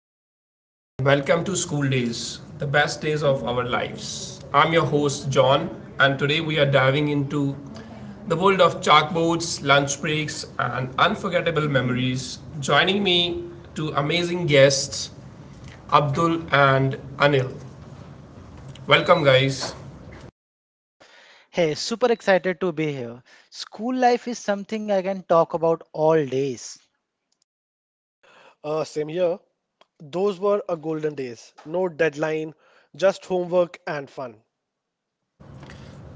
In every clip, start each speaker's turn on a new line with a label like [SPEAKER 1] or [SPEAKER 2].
[SPEAKER 1] everyone, and welcome to School Days, the best days of our lives. I'm your host, John, and today we are diving into the world of chalkboards, lunch breaks, and unforgettable memories. Joining me, two amazing guests, Abdul and Anil. Welcome, guys.
[SPEAKER 2] Hey, super excited to be here. School life is something I can talk about all days.
[SPEAKER 3] Same here. Those were a golden days. No deadline, just homework and fun.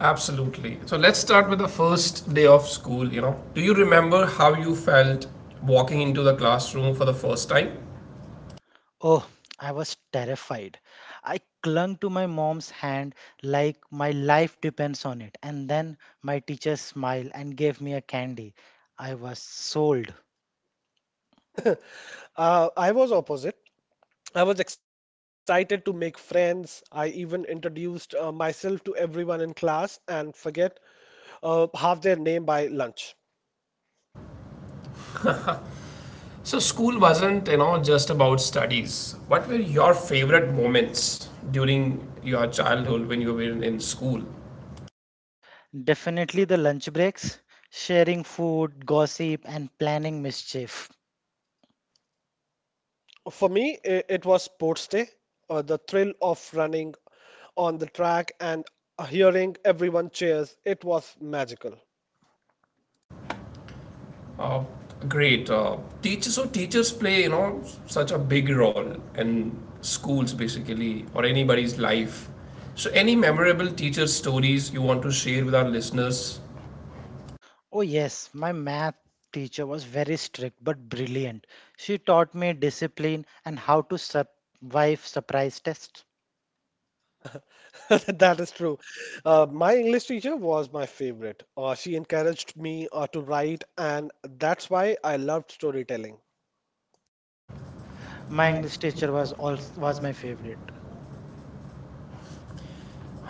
[SPEAKER 1] Absolutely. So, let's start with the first day of school. You know, do you remember how you felt walking into the classroom for the first time?
[SPEAKER 2] Oh, I was terrified. I clung to my mom's hand like my life depends on it. And then my teacher smiled and gave me a candy. I was sold.
[SPEAKER 3] I was opposite. I was excited to make friends. I even introduced myself to everyone in class and forget half their name by lunch.
[SPEAKER 1] So school wasn't, just about studies. What were your favorite moments during your childhood when you were in school?
[SPEAKER 2] Definitely the lunch breaks, sharing food, gossip, and planning mischief.
[SPEAKER 3] For me, it was sports day. The thrill of running on the track and hearing everyone cheers, it was magical.
[SPEAKER 1] Uh, Great. Teachers, so teachers play, you know, such a big role in schools basically or anybody's life. So any memorable teacher stories you want to share with our listeners?
[SPEAKER 2] Oh, yes, my math teacher was very strict but brilliant. She taught me discipline and how to survive surprise tests.
[SPEAKER 3] That is true. My English teacher was my favorite. She encouraged me to write, and that's why I loved storytelling.
[SPEAKER 2] My English teacher was my favorite.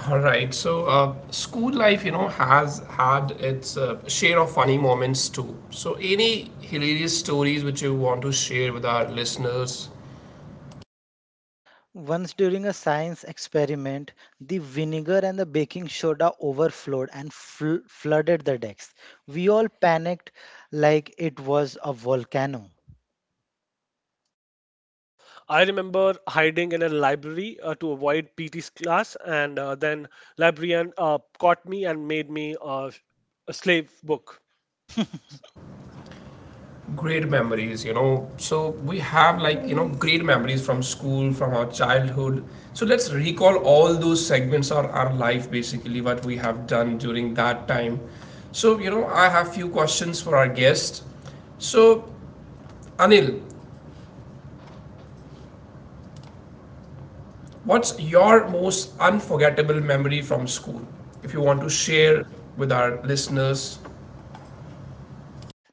[SPEAKER 1] All right. So, school life, you know, has had its share of funny moments too. So, any hilarious stories which you want to share with our listeners?
[SPEAKER 2] Once during a science experiment, the vinegar and the baking soda overflowed and flooded the decks. We all panicked like it was a volcano.
[SPEAKER 3] Uh, I remember hiding in a library to avoid PT's class, and then librarian caught me and made me a slave book.
[SPEAKER 1] Great memories, you know. So, we have like, you know, great memories from school, from our childhood. So, let's recall all those segments of our life, basically, what we have done during that time. So, you know, I have few questions for our guest. So, Anil, what's your most unforgettable memory from school? If you want to share with our listeners.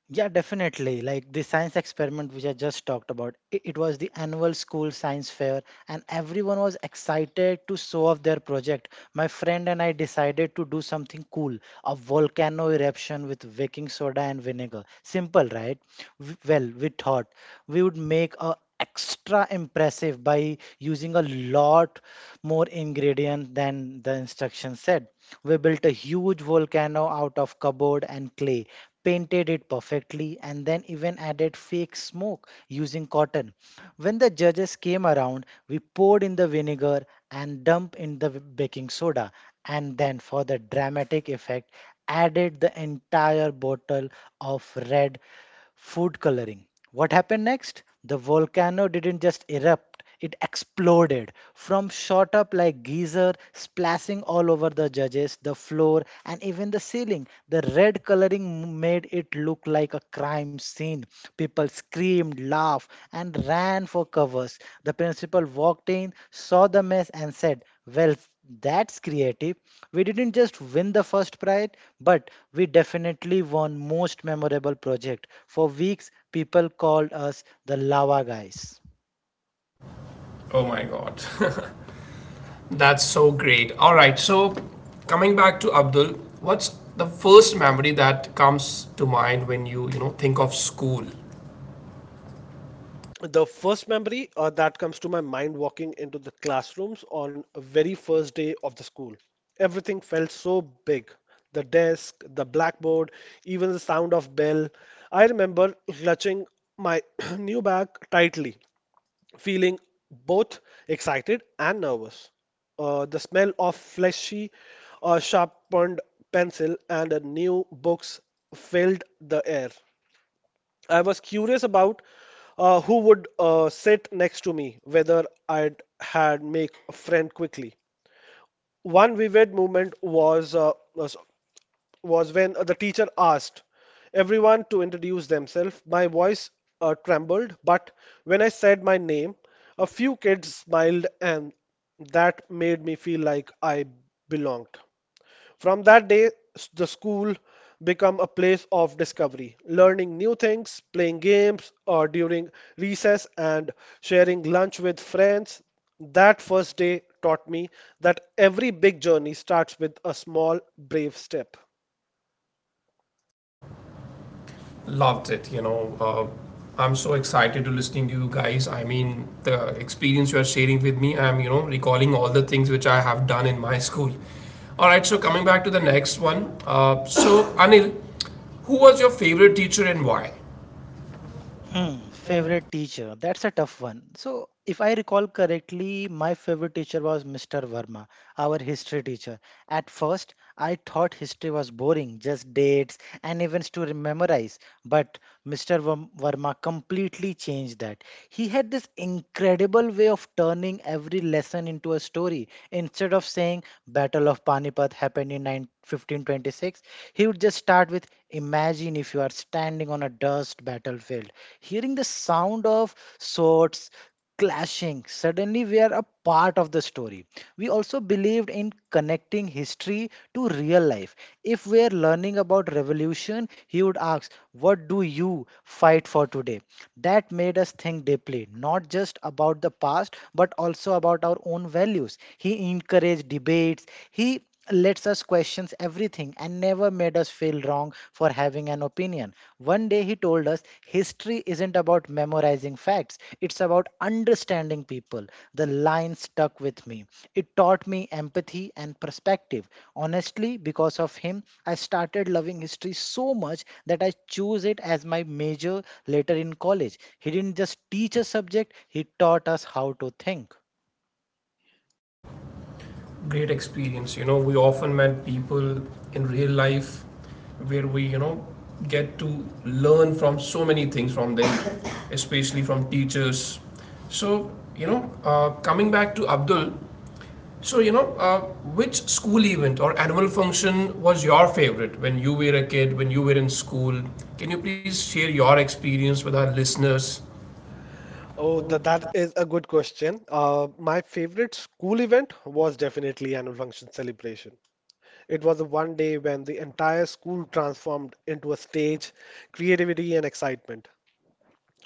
[SPEAKER 2] Yeah, definitely. Like the science experiment which I just talked about, it was the annual school science fair, and everyone was excited to show off their project. My friend and I decided to do something cool, a volcano eruption with baking soda and vinegar. Simple, right? Well, we thought we would make a extra impressive by using a lot more ingredient than the instruction said. We built a huge volcano out of cardboard and clay painted it perfectly, and then even added fake smoke using cotton. When the judges came around, we poured in the vinegar and dumped in the baking soda, and then for the dramatic effect, added the entire bottle of red food coloring. What happened next? The volcano didn't just erupt, it exploded. From shot up like geyser, splashing all over the judges, the floor, and even the ceiling. The red coloring made it look like a crime scene. People screamed, laughed, and ran for covers. The principal walked in, saw the mess, and said, "Well, that's creative." We didn't just win the first prize, but we definitely won most memorable project. For weeks, people called us the lava guys.
[SPEAKER 1] Oh my god. That's so great. All right. So, coming back to Abdul, what's the first memory that comes to mind when you know, think of school?
[SPEAKER 3] The first memory that comes to my mind walking into the classrooms on very first day of the school, everything felt so big, the desk, the blackboard, even the sound of bell. I remember clutching my new bag tightly, feeling both excited and nervous. The smell of fleshy sharpened pencil and new books filled the air. I was curious about who would sit next to me, whether I'd had make a friend quickly. One vivid moment was when the teacher asked everyone to introduce themselves. My voice trembled, but when I said my name, a few kids smiled, and that made me feel like I belonged. From that day, the school became a place of discovery, learning new things, playing games or during recess, and sharing lunch with friends. That first day taught me that every big journey starts with a small, brave step.
[SPEAKER 1] Loved it, you know. I'm so excited to listening to you guys. I mean, the experience you are sharing with me, I'm, you know, recalling all the things which I have done in my school. All right, so coming back to the next one, so Anil, who was your favorite teacher and why?
[SPEAKER 2] Hmm, favorite teacher. That's a tough one. So, if I recall correctly, my favorite teacher was Mr. Verma, our history teacher. At first, I thought history was boring, just dates and events to memorize, but Mr. Verma completely changed that. He had this incredible way of turning every lesson into a story. Instead of saying Battle of Panipat happened in 9 1526, he would just start with, "Imagine if you are standing on a dust battlefield, hearing the sound of swords clashing." Suddenly, we are a part of the story. We also believed in connecting history to real life. If we are learning about revolution, he would ask, "What do you fight for today?" That made us think deeply, not just about the past, but also about our own values. He encouraged debates. He lets us question everything and never made us feel wrong for having an opinion. One day he told us history isn't about memorizing facts, it's about understanding people. The line stuck with me. It taught me empathy and perspective. Honestly, because of him, I started loving history so much that I choose it as my major later in college. He didn't just teach a subject, he taught us how to think.
[SPEAKER 1] Great experience, you know. We often met people in real life where we, you know, get to learn from so many things from them, especially from teachers. So, you know, coming back to Abdul, so, you know, which school event or annual function was your favorite when you were a kid, when you were in school? Can you please share your experience with our listeners?
[SPEAKER 3] Oh, th That is a good question. My favorite school event was definitely annual function celebration. It was the one day when the entire school transformed into a stage, creativity and excitement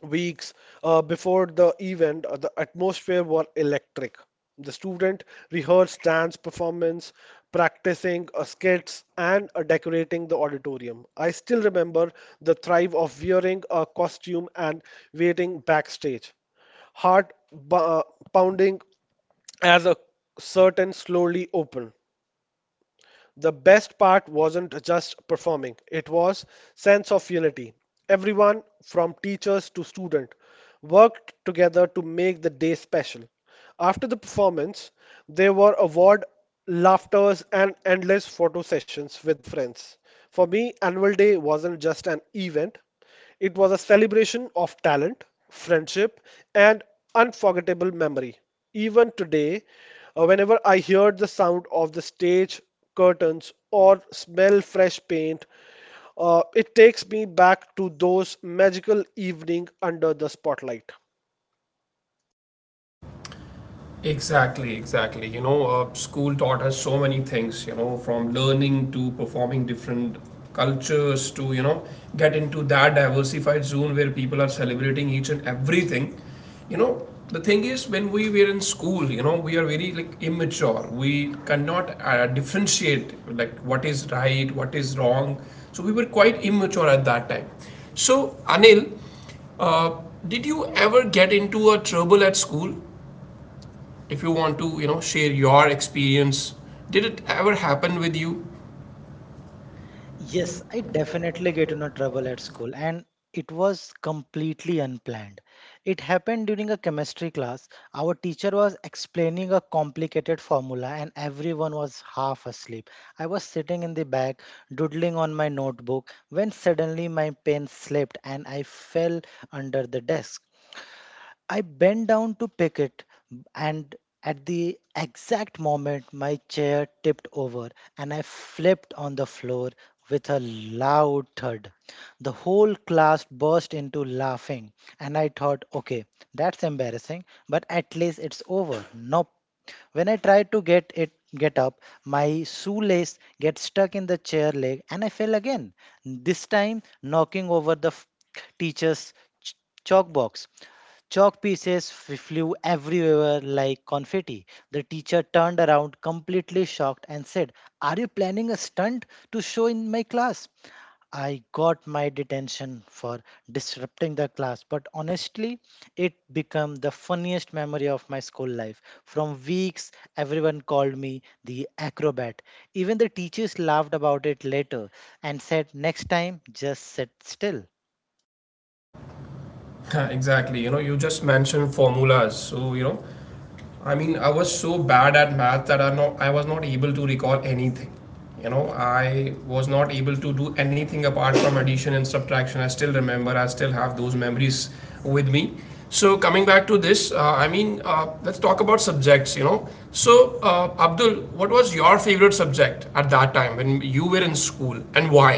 [SPEAKER 3] weeks before the event, the atmosphere was electric. The student rehearsed dance performance, practicing skits, and decorating the auditorium. I still remember the thrive of wearing a costume and waiting backstage, heart pounding as a curtain slowly opened. The best part wasn't just performing, it was sense of unity. Everyone from teachers to student worked together to make the day special. After the performance, there were award laughters and endless photo sessions with friends. For me, annual day wasn't just an event, it was a celebration of talent, friendship, and unforgettable memory. Even today, whenever I hear the sound of the stage curtains or smell fresh paint, it takes me back to those magical evening under the spotlight.
[SPEAKER 1] Exactly, exactly. You know, school taught us so many things, you know, from learning to performing different cultures to, you know, get into that diversified zone where people are celebrating each and everything. You know, the thing is, when we were in school, you know, we are very like immature. We cannot differentiate like what is right, what is wrong. So we were quite immature at that time. So, Anil, uh, did you ever get into a trouble at school? If you want to, you know, share your experience, did it ever happen with you?
[SPEAKER 2] Yes, I definitely get into trouble at school, and it was completely unplanned. It happened during a chemistry class. Our teacher was explaining a complicated formula, and everyone was half asleep. I was sitting in the back, doodling on my notebook, when suddenly my pen slipped and I fell under the desk. I bent down to pick it, and at the exact moment, my chair tipped over and I flipped on the floor with a loud thud. The whole class burst into laughing, and I thought, okay, that's embarrassing, but at least it's over. Nope. When I tried to get up, my shoelace gets stuck in the chair leg and I fell again, this time knocking over the teacher's ch- chalk box. Chalk pieces flew everywhere like confetti. The teacher turned around, completely shocked, and said, "Are you planning a stunt to show in my class?" I got my detention for disrupting the class, but honestly, it became the funniest memory of my school life. From weeks, everyone called me the acrobat. Even the teachers laughed about it later and said, "Next time, just sit still."
[SPEAKER 1] Exactly. You know, you just mentioned formulas, so, you know, I mean, I was so bad at math that I was not able to recall anything. You know, I was not able to do anything apart from addition and subtraction. I still remember, I still have those memories with me. So coming back to this, I mean, let's talk about subjects, you know. So, Abdul, what was your favorite subject at that time when you were in school and why?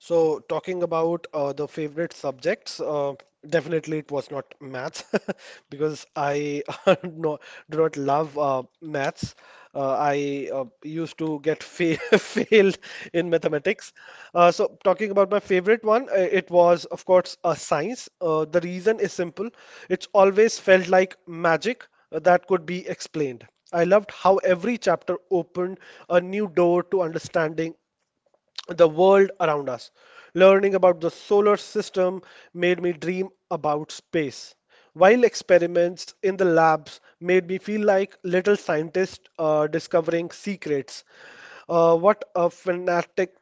[SPEAKER 3] So, talking about the favorite subjects, definitely it was not maths because I no, do not love maths. I used to get failed in mathematics. So, talking about my favorite one, it was, of course, science. The reason is simple, it's always felt like magic that could be explained. I loved how every chapter opened a new door to understanding the world around us. Learning about the solar system made me dream about space, while experiments in the labs made me feel like little scientist discovering secrets. What a fanatic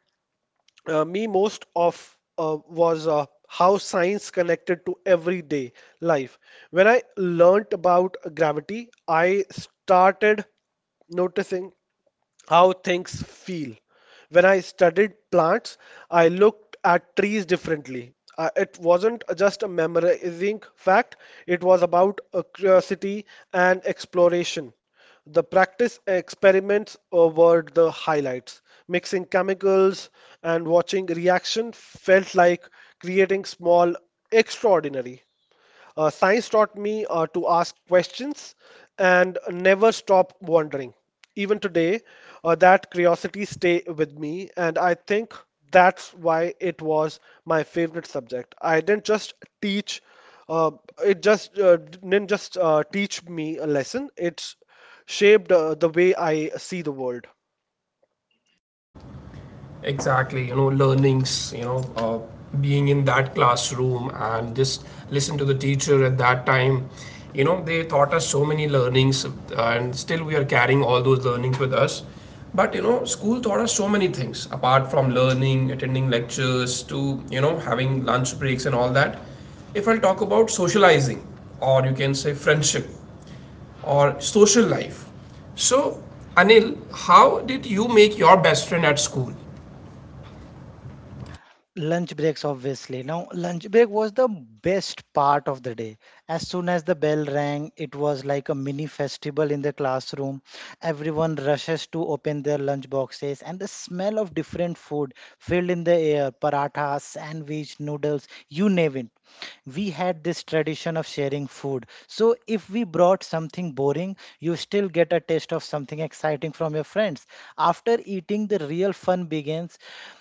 [SPEAKER 3] me most of was how science connected to everyday life. When I learnt about gravity, I started noticing how things feel. When I studied plants, I looked at trees differently. It wasn't just a memorizing fact, it was about a curiosity and exploration. The practice experiments over the highlights. Mixing chemicals and watching reaction felt like creating small extraordinary. Science taught me to ask questions and never stop wondering. Even today, that curiosity stay with me, and I think that's why it was my favorite subject. I didn't just teach; uh, it just didn't just teach me a lesson. It's shaped the way I see the world.
[SPEAKER 1] Exactly, you know, learnings, you know, being in that classroom and just listen to the teacher at that time. You know, they taught us so many learnings, and still we are carrying all those learnings with us. But you know, school taught us so many things apart from learning, attending lectures, to, you know, having lunch breaks and all that. If I'll talk about socializing, or you can say friendship, or social life. So, Anil, how did you make your best friend at school?
[SPEAKER 2] Lunch breaks, obviously. Now, lunch break was the best part of the day. As soon as the bell rang, it was like a mini festival in the classroom. Everyone rushes to open their lunch boxes, and the smell of different food filled in the air, paratha, sandwich, noodles, you name it. We had this tradition of sharing food. So, if we brought something boring, you still get a taste of something exciting from your friends. After eating, the real fun begins.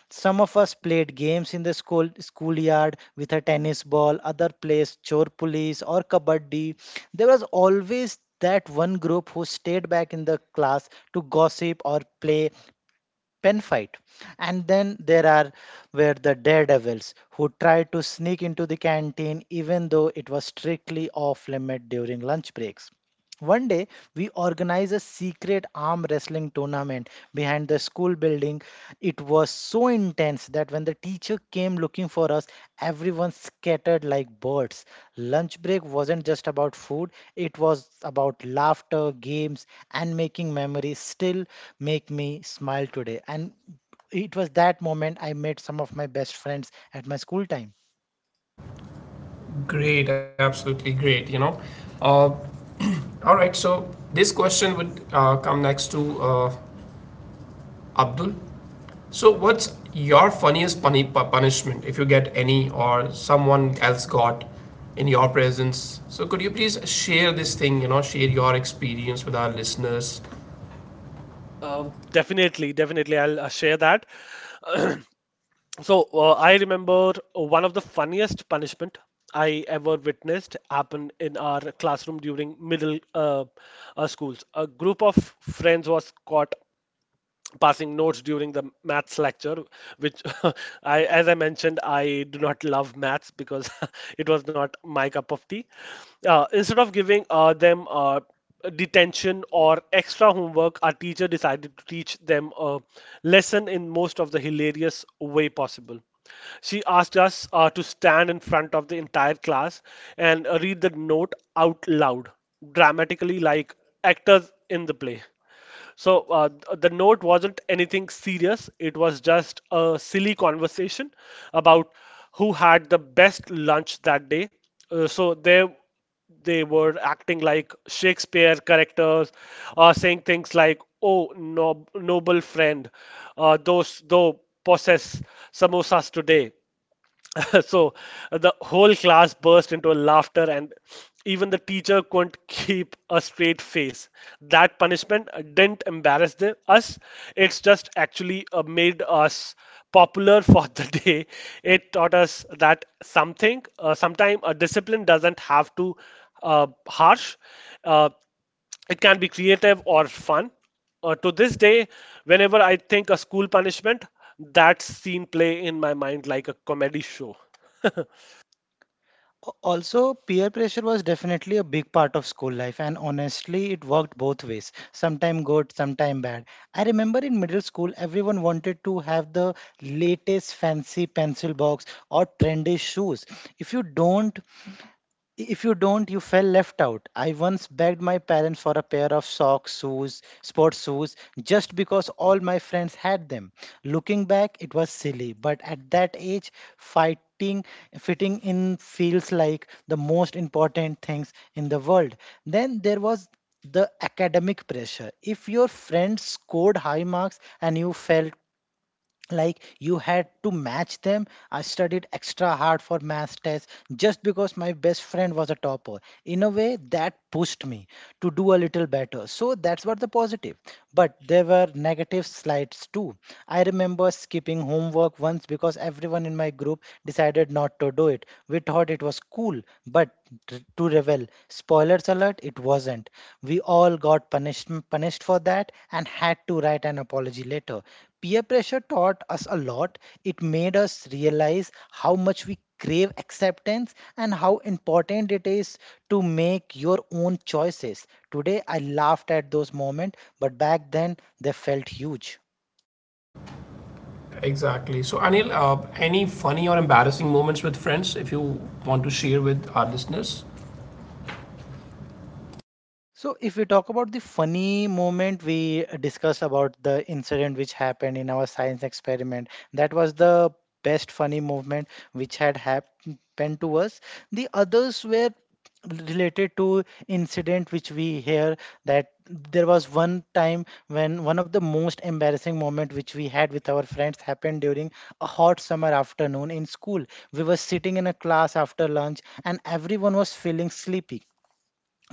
[SPEAKER 2] Some of us played games in the school schoolyard with a tennis ball, other plays chor police or kabaddi. There was always that one group who stayed back in the class to gossip or play pen fight. And then there are were the daredevils who tried to sneak into the canteen even though it was strictly off limit during lunch breaks. One day, we organized a secret arm wrestling tournament behind the school building. It was so intense that when the teacher came looking for us, everyone scattered like birds. Lunch break wasn't just about food, it was about laughter, games, and making memories still make me smile today. And it was that moment I met some of my best friends at my school time.
[SPEAKER 1] Great, absolutely great. You know, uh, all right. So this question would come next to Abdul. So what's your funniest punishment, if you get any, or someone else got in your presence? So could you please share this thing? You know, share your experience with our listeners.
[SPEAKER 3] Uh, definitely, definitely, I'll share that. So I remember one of the funniest punishment I ever witnessed happened in our classroom during middle schools. A group of friends was caught passing notes during the maths lecture, which I as I mentioned I do not love maths because it was not my cup of tea. Instead of giving them detention or extra homework, our teacher decided to teach them a lesson in most of the hilarious way possible. She asked us to stand in front of the entire class and read the note out loud dramatically like actors in the play. So the note wasn't anything serious. It was just a silly conversation about who had the best lunch that day. So they were acting like Shakespeare characters, saying things like "Oh, no, noble friend, those though possess samosas today." So the whole class burst into laughter and even the teacher couldn't keep a straight face. That punishment didn't embarrass the, us, it's just actually made us popular for the day. It taught us that something sometime a discipline doesn't have to harsh. Uh, it can be creative or fun. To this day, whenever I think a school punishment, that scene play in my mind like a comedy show.
[SPEAKER 2] Also, peer pressure was definitely a big part of school life, and honestly, it worked both ways, sometime good, sometime bad. I remember in middle school, everyone wanted to have the latest fancy pencil box or trendy shoes. If you don't, If you don't, you fell left out. I once begged my parents for a pair of socks, shoes, sports shoes, just because all my friends had them. Looking back, it was silly, but at that age, fighting fitting in feels like the most important things in the world. Then there was the academic pressure. If your friend scored high marks and you felt like you had to match them, I studied extra hard for math tests just because my best friend was a topper. In a way, that pushed me to do a little better, so that's what the positive. But there were negative slides too. I remember skipping homework once because everyone in my group decided not to do it. We thought it was cool, but to revel spoilers alert, it wasn't. We all got punished for that and had to write an apology letter. Peer pressure taught us a lot. It made us realize how much we crave acceptance and how important it is to make your own choices. Today, I laughed at those moments, but back then they felt huge.
[SPEAKER 1] Exactly. So Anil, any funny or embarrassing moments with friends, if you want to share with our listeners?
[SPEAKER 2] So, if we talk about the funny moment, we discussed about the incident which happened in our science experiment. That was the best funny movement which had happened to us. The others were related to incident which we hear that there was one time when one of the most embarrassing moment which we had with our friends happened during a hot summer afternoon in school. We were sitting in a class after lunch and everyone was feeling sleepy.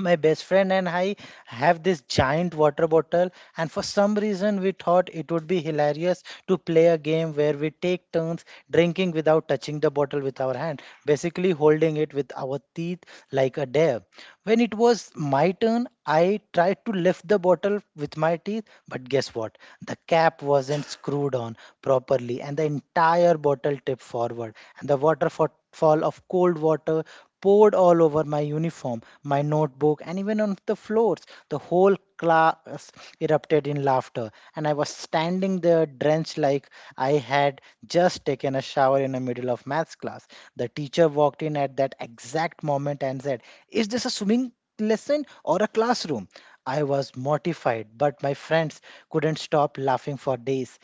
[SPEAKER 2] My best friend and I have this giant water bottle, and for some reason, we thought it would be hilarious to play a game where we take turns drinking without touching the bottle with our hand, basically holding it with our teeth like a dare. When it was my turn, I tried to lift the bottle with my teeth, but guess what? The cap wasn't screwed on properly, and the entire bottle tipped forward, and the waterfall of cold water poured all over my uniform, my notebook, and even on the floors. The whole us erupted in laughter, and I was standing there drenched like I had just taken a shower in the middle of maths class. The teacher walked in at that exact moment and said, "Is this a swimming lesson or a classroom?" I was mortified, but my friends couldn't stop laughing for days.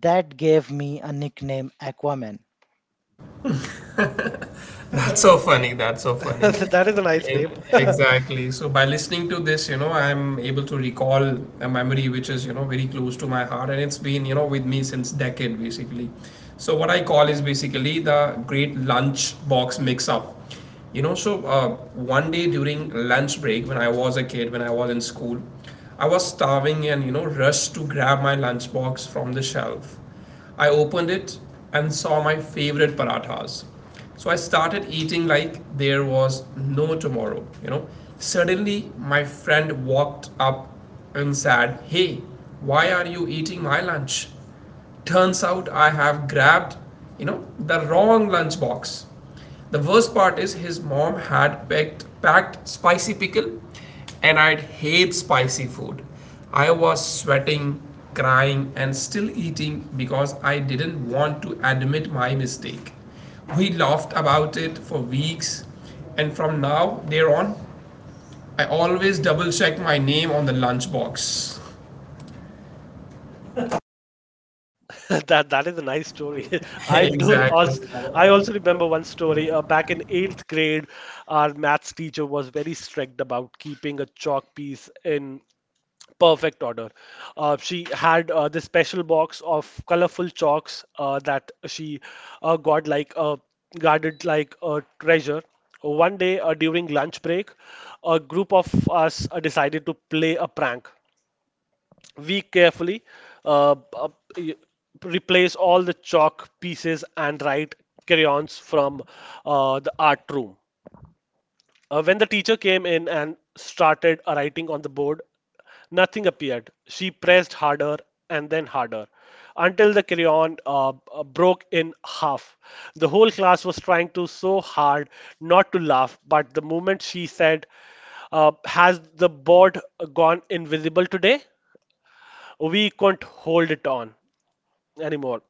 [SPEAKER 2] That gave me a nickname, Aquaman.
[SPEAKER 1] That's so funny. That's so funny.
[SPEAKER 3] That is a nice
[SPEAKER 1] E-
[SPEAKER 3] name.
[SPEAKER 1] Exactly. So by listening to this, you know, I'm able to recall a memory which is, you know, very close to my heart and it's been, you know, with me since decade basically. So what I call is basically the great lunch box mix up. You know, so one day during lunch break when I was a kid, when I was in school, I was starving and, you know, rushed to grab my lunch box from the shelf. I opened it and saw my favorite parathas. So I started eating like there was no tomorrow, you know. Suddenly, my friend walked up and said, "Hey, why are you eating my lunch?" Turns out I have grabbed, you know, the wrong lunch box. The worst part is his mom had packed spicy pickle, and I'd hate spicy food. I was sweating, crying, and still eating because I didn't want to admit my mistake. We laughed about it for weeks, and from now there on, I always double check my name on the lunchbox.
[SPEAKER 3] That that is a nice story. I do.
[SPEAKER 1] Exactly.
[SPEAKER 3] als- I
[SPEAKER 1] I also
[SPEAKER 3] also
[SPEAKER 1] have
[SPEAKER 3] remember one
[SPEAKER 1] one
[SPEAKER 3] story.
[SPEAKER 1] story.
[SPEAKER 3] Back in eighth grade, our maths teacher was very strict about keeping a chalk piece in perfect order. She had this special box of colorful chalks that she got like guarded like a treasure. One day during lunch break, a group of us decided to play a prank. We carefully uh, uh, y- replace all the chalk pieces and write crayons from the art room. When the teacher came in and started writing on the board, nothing appeared. She pressed harder and then harder until the crayon broke in half. The whole class was trying to so hard not to laugh, but the moment she said, "Has the board gone invisible today?" we couldn't hold it on anymore.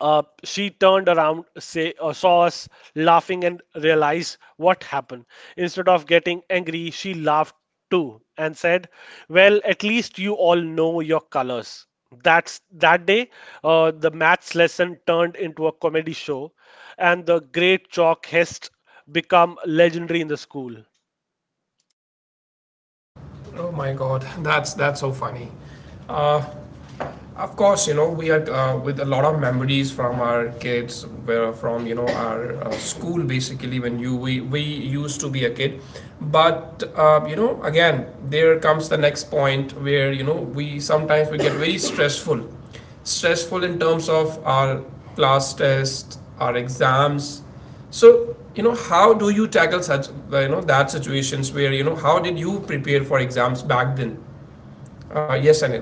[SPEAKER 3] She turned around, saw us laughing, and realized what happened. Instead of getting angry, she laughed too and said, "Well, at least you all know your colors." That's that day. The maths lesson turned into a comedy show, and the great chalk hest become legendary in the school.
[SPEAKER 1] Oh my god, that's so funny. Uh, Of course, you know, we are with a lot of memories from our kids, where from, you know, our school basically when we used to be a kid. But, you know, again, there comes the next point where, you know, we sometimes we get very stressful. Stressful in terms of our class tests, our exams. So, you know, how do you tackle such, you know, that situations where, you know, how did you prepare for exams back then? Yes, Anil.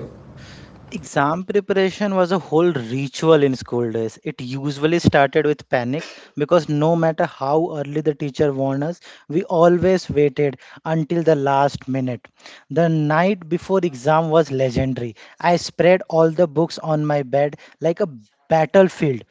[SPEAKER 2] Exam preparation was a whole ritual in school days. It usually started with panic because no matter how early the teacher warned us, we always waited until the last minute. The night before exam was legendary. I spread all the books on my bed like a battlefield,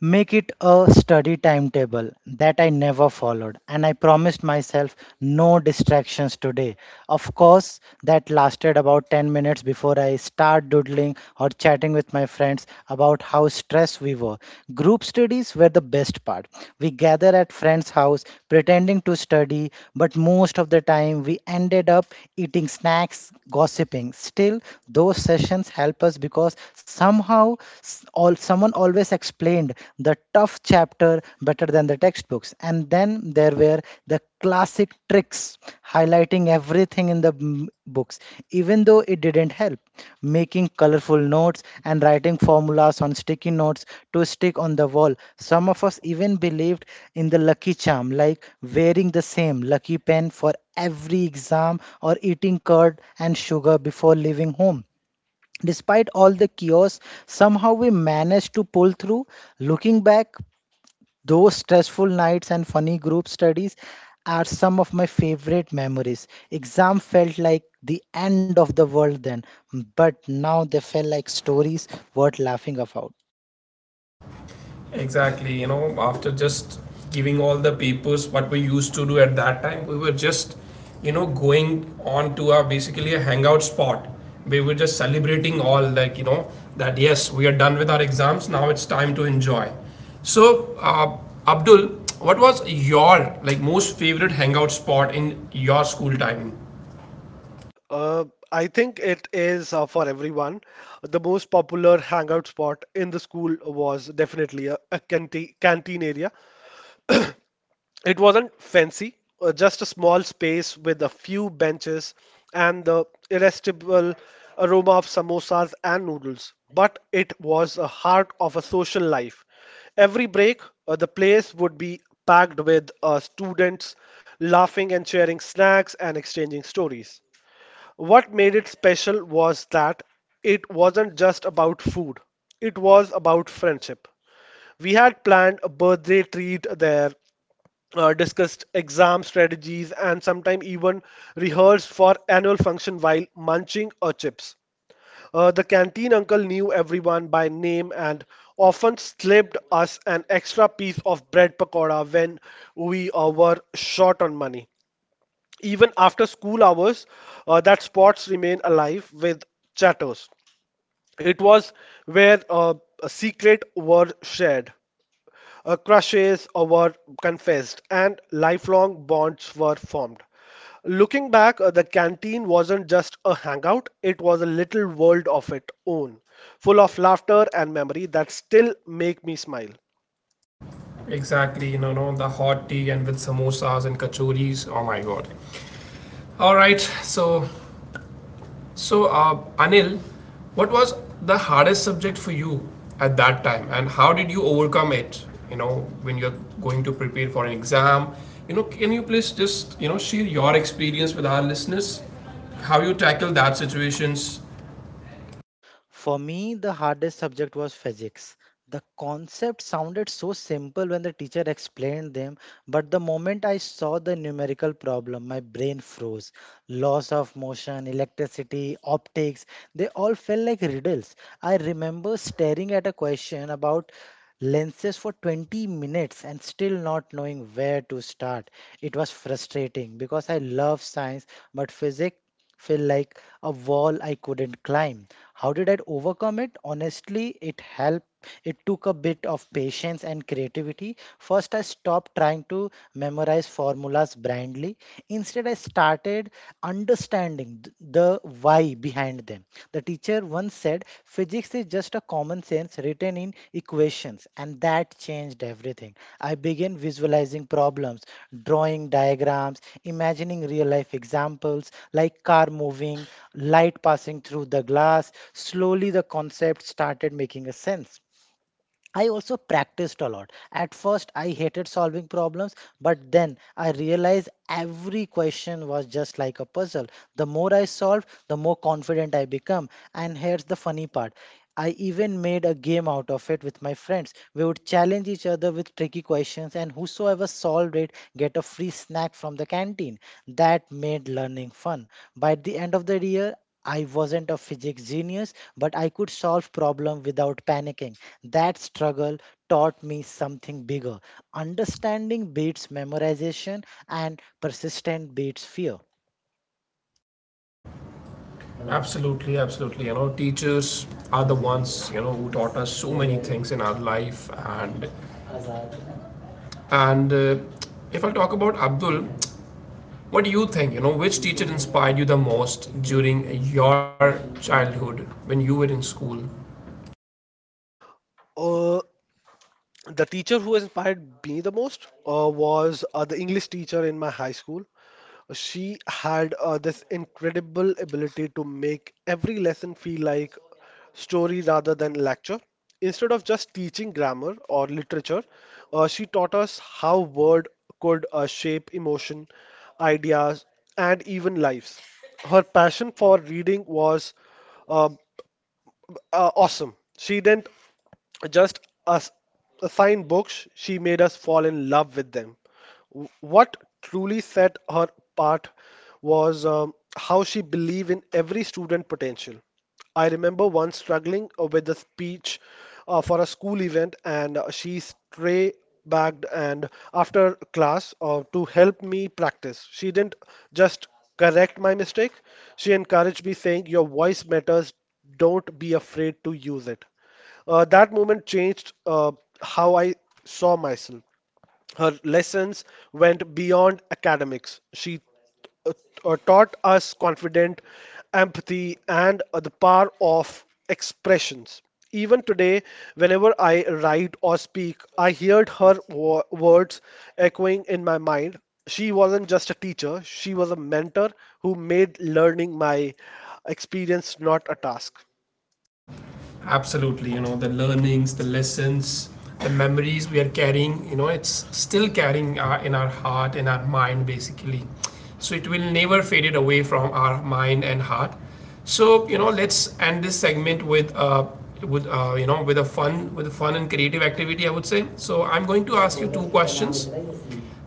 [SPEAKER 2] make it a study timetable that I never followed, and I promised myself no distractions today. Of course, that lasted about 10 minutes before I start doodling or chatting with my friends about how stressed we were. Group studies were the best part. We gather at friends' house pretending to study, but most of the time we ended up eating snacks, gossiping. Still, those sessions help us because somehow all someone always explained the tough chapter better than the textbooks. And then there were the classic tricks, highlighting everything in the books even though it didn't help, making colorful notes and writing formulas on sticky notes to stick on the wall. Some of us even believed in the lucky charm, like wearing the same lucky pen for every exam or eating curd and sugar before leaving home. Despite all the chaos, somehow we managed to pull through. Looking back, those stressful nights and funny group studies are some of my favorite memories. Exam felt like the end of the world then, but now they felt like stories worth laughing about.
[SPEAKER 1] Exactly, you know, after just giving all the papers, what we used to do at that time, we were just, you know, going on to our basically a hangout spot. We were just celebrating all, like, you know, that yes, we are done with our exams, now it's time to enjoy. So, Abdul, what was your like most favorite hangout spot in your school timing?
[SPEAKER 3] Uh, I think it is for everyone. The most popular hangout spot in the school was definitely a canteen area. It wasn't fancy, just a small space with a few benches and the irresistible aroma of samosas and noodles. But it was a heart of a social life. Every break, the place would be packed with students laughing and sharing snacks and exchanging stories. What made it special was that it wasn't just about food, it was about friendship. We had planned a birthday treat there, discussed exam strategies and sometimes even rehearsed for annual function while munching or chips. The canteen uncle knew everyone by name and often slipped us an extra piece of bread pakora when we were short on money. Even after school hours, that spots remain alive with chatters. It was where secrets were shared, crushes were confessed, and lifelong bonds were formed. Looking back, the canteen wasn't just a hangout, it was a little world of its own, full of laughter and memory that still make me smile.
[SPEAKER 1] Exactly, you know, no, the hot tea and with samosas and kachoris. Oh my god. All right, so so, Anil, what was the hardest subject for you at that time, and how did you overcome it? You know, when you're going to prepare for an exam, you know, can you please just, you know, share your experience with our listeners, how you tackle that situations?
[SPEAKER 2] For me, the hardest subject was physics. The concepts sounded so simple when the teacher explained them, but the moment I saw the numerical problem, my brain froze. Laws of motion, electricity, optics, they all felt like riddles. I remember staring at a question about lenses for 20 minutes and still not knowing where to start. It was frustrating because I love science, but physics feel like a wall I couldn't climb. How did I overcome it? Honestly, it helped. It took a bit of patience and creativity. First, I stopped trying to memorize formulas blindly. Instead, I started understanding the why behind them. The teacher once said, physics is just a common sense written in equations, and that changed everything. I began visualizing problems, drawing diagrams, imagining real life examples like car moving, light passing through the glass. Slowly, the concept started making a sense. I also practiced a lot. At first, I hated solving problems, but then I realized every question was just like a puzzle. The more I solved, the more confident I become. And here's the funny part, I even made a game out of it with my friends. We would challenge each other with tricky questions, and whosoever solved it get a free snack from the canteen. That made learning fun. By the end of the year, I wasn't a physics genius, but I could solve problem without panicking. That struggle taught me something bigger. Understanding beats memorization and persistent beats fear.
[SPEAKER 1] Absolutely, absolutely. You know, teachers are the ones, you know, who taught us so many things in our life, and and if I talk about Abdul, what do you think? You know, which teacher inspired you the most during your childhood when you were in school?
[SPEAKER 3] Uh, the teacher who inspired me the most was the English teacher in my high school. She had this incredible ability to make every lesson feel like story rather than lecture. Instead of just teaching grammar or literature, she taught us how word could shape emotion, ideas, and even lives. Her passion for reading was um awesome. She didn't just us assigned books, she made us fall in love with them. What truly set her apart was how she believed in every student potential. I remember once struggling with a speech for a school event, and she stray bagged and after class to help me practice. She didn't just correct my mistake; she encouraged me, saying, "Your voice matters. Don't be afraid to use it." That moment changed how I saw myself. Her lessons went beyond academics. She uh, taught us confidence, empathy and the power of expressions. Even today, whenever I write or speak, I heard her words echoing in my mind. She wasn't just a teacher, she was a mentor who made learning my experience not a task.
[SPEAKER 1] Absolutely, you know, the learnings, the lessons, the memories we are carrying, you know, it's still carrying in our heart, in our mind, basically. So it will never faded away from our mind and heart. So, you know, let's end this segment with you know, with a fun and creative activity, I would say. So I'm going to ask you two questions.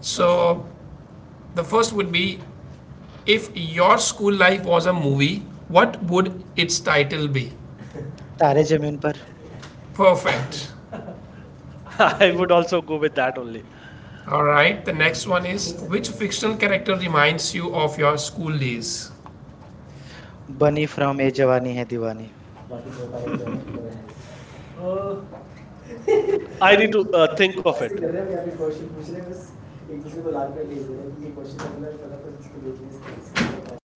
[SPEAKER 1] So the first would be, if your school life was a movie, what would its title be?
[SPEAKER 2] तारे जमीन पर
[SPEAKER 1] Perfect.
[SPEAKER 3] I would also go with that only.
[SPEAKER 1] All right. The next one is, which fictional character reminds you of your school days?
[SPEAKER 2] Bunny from Yeh Jawaani Hai Deewani
[SPEAKER 3] I need to think of it.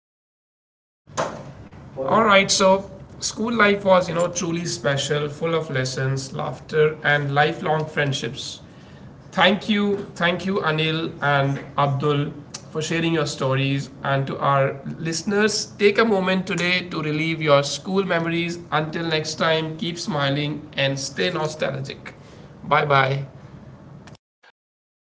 [SPEAKER 1] All right, so school life was, you know, truly special, full of lessons, laughter, and lifelong friendships. Thank you, Anil and Abdul, for sharing your stories. And to our listeners, take a moment today to relive your school memories. Until next time, keep smiling and stay nostalgic. Bye bye.
[SPEAKER 3] Bye bye.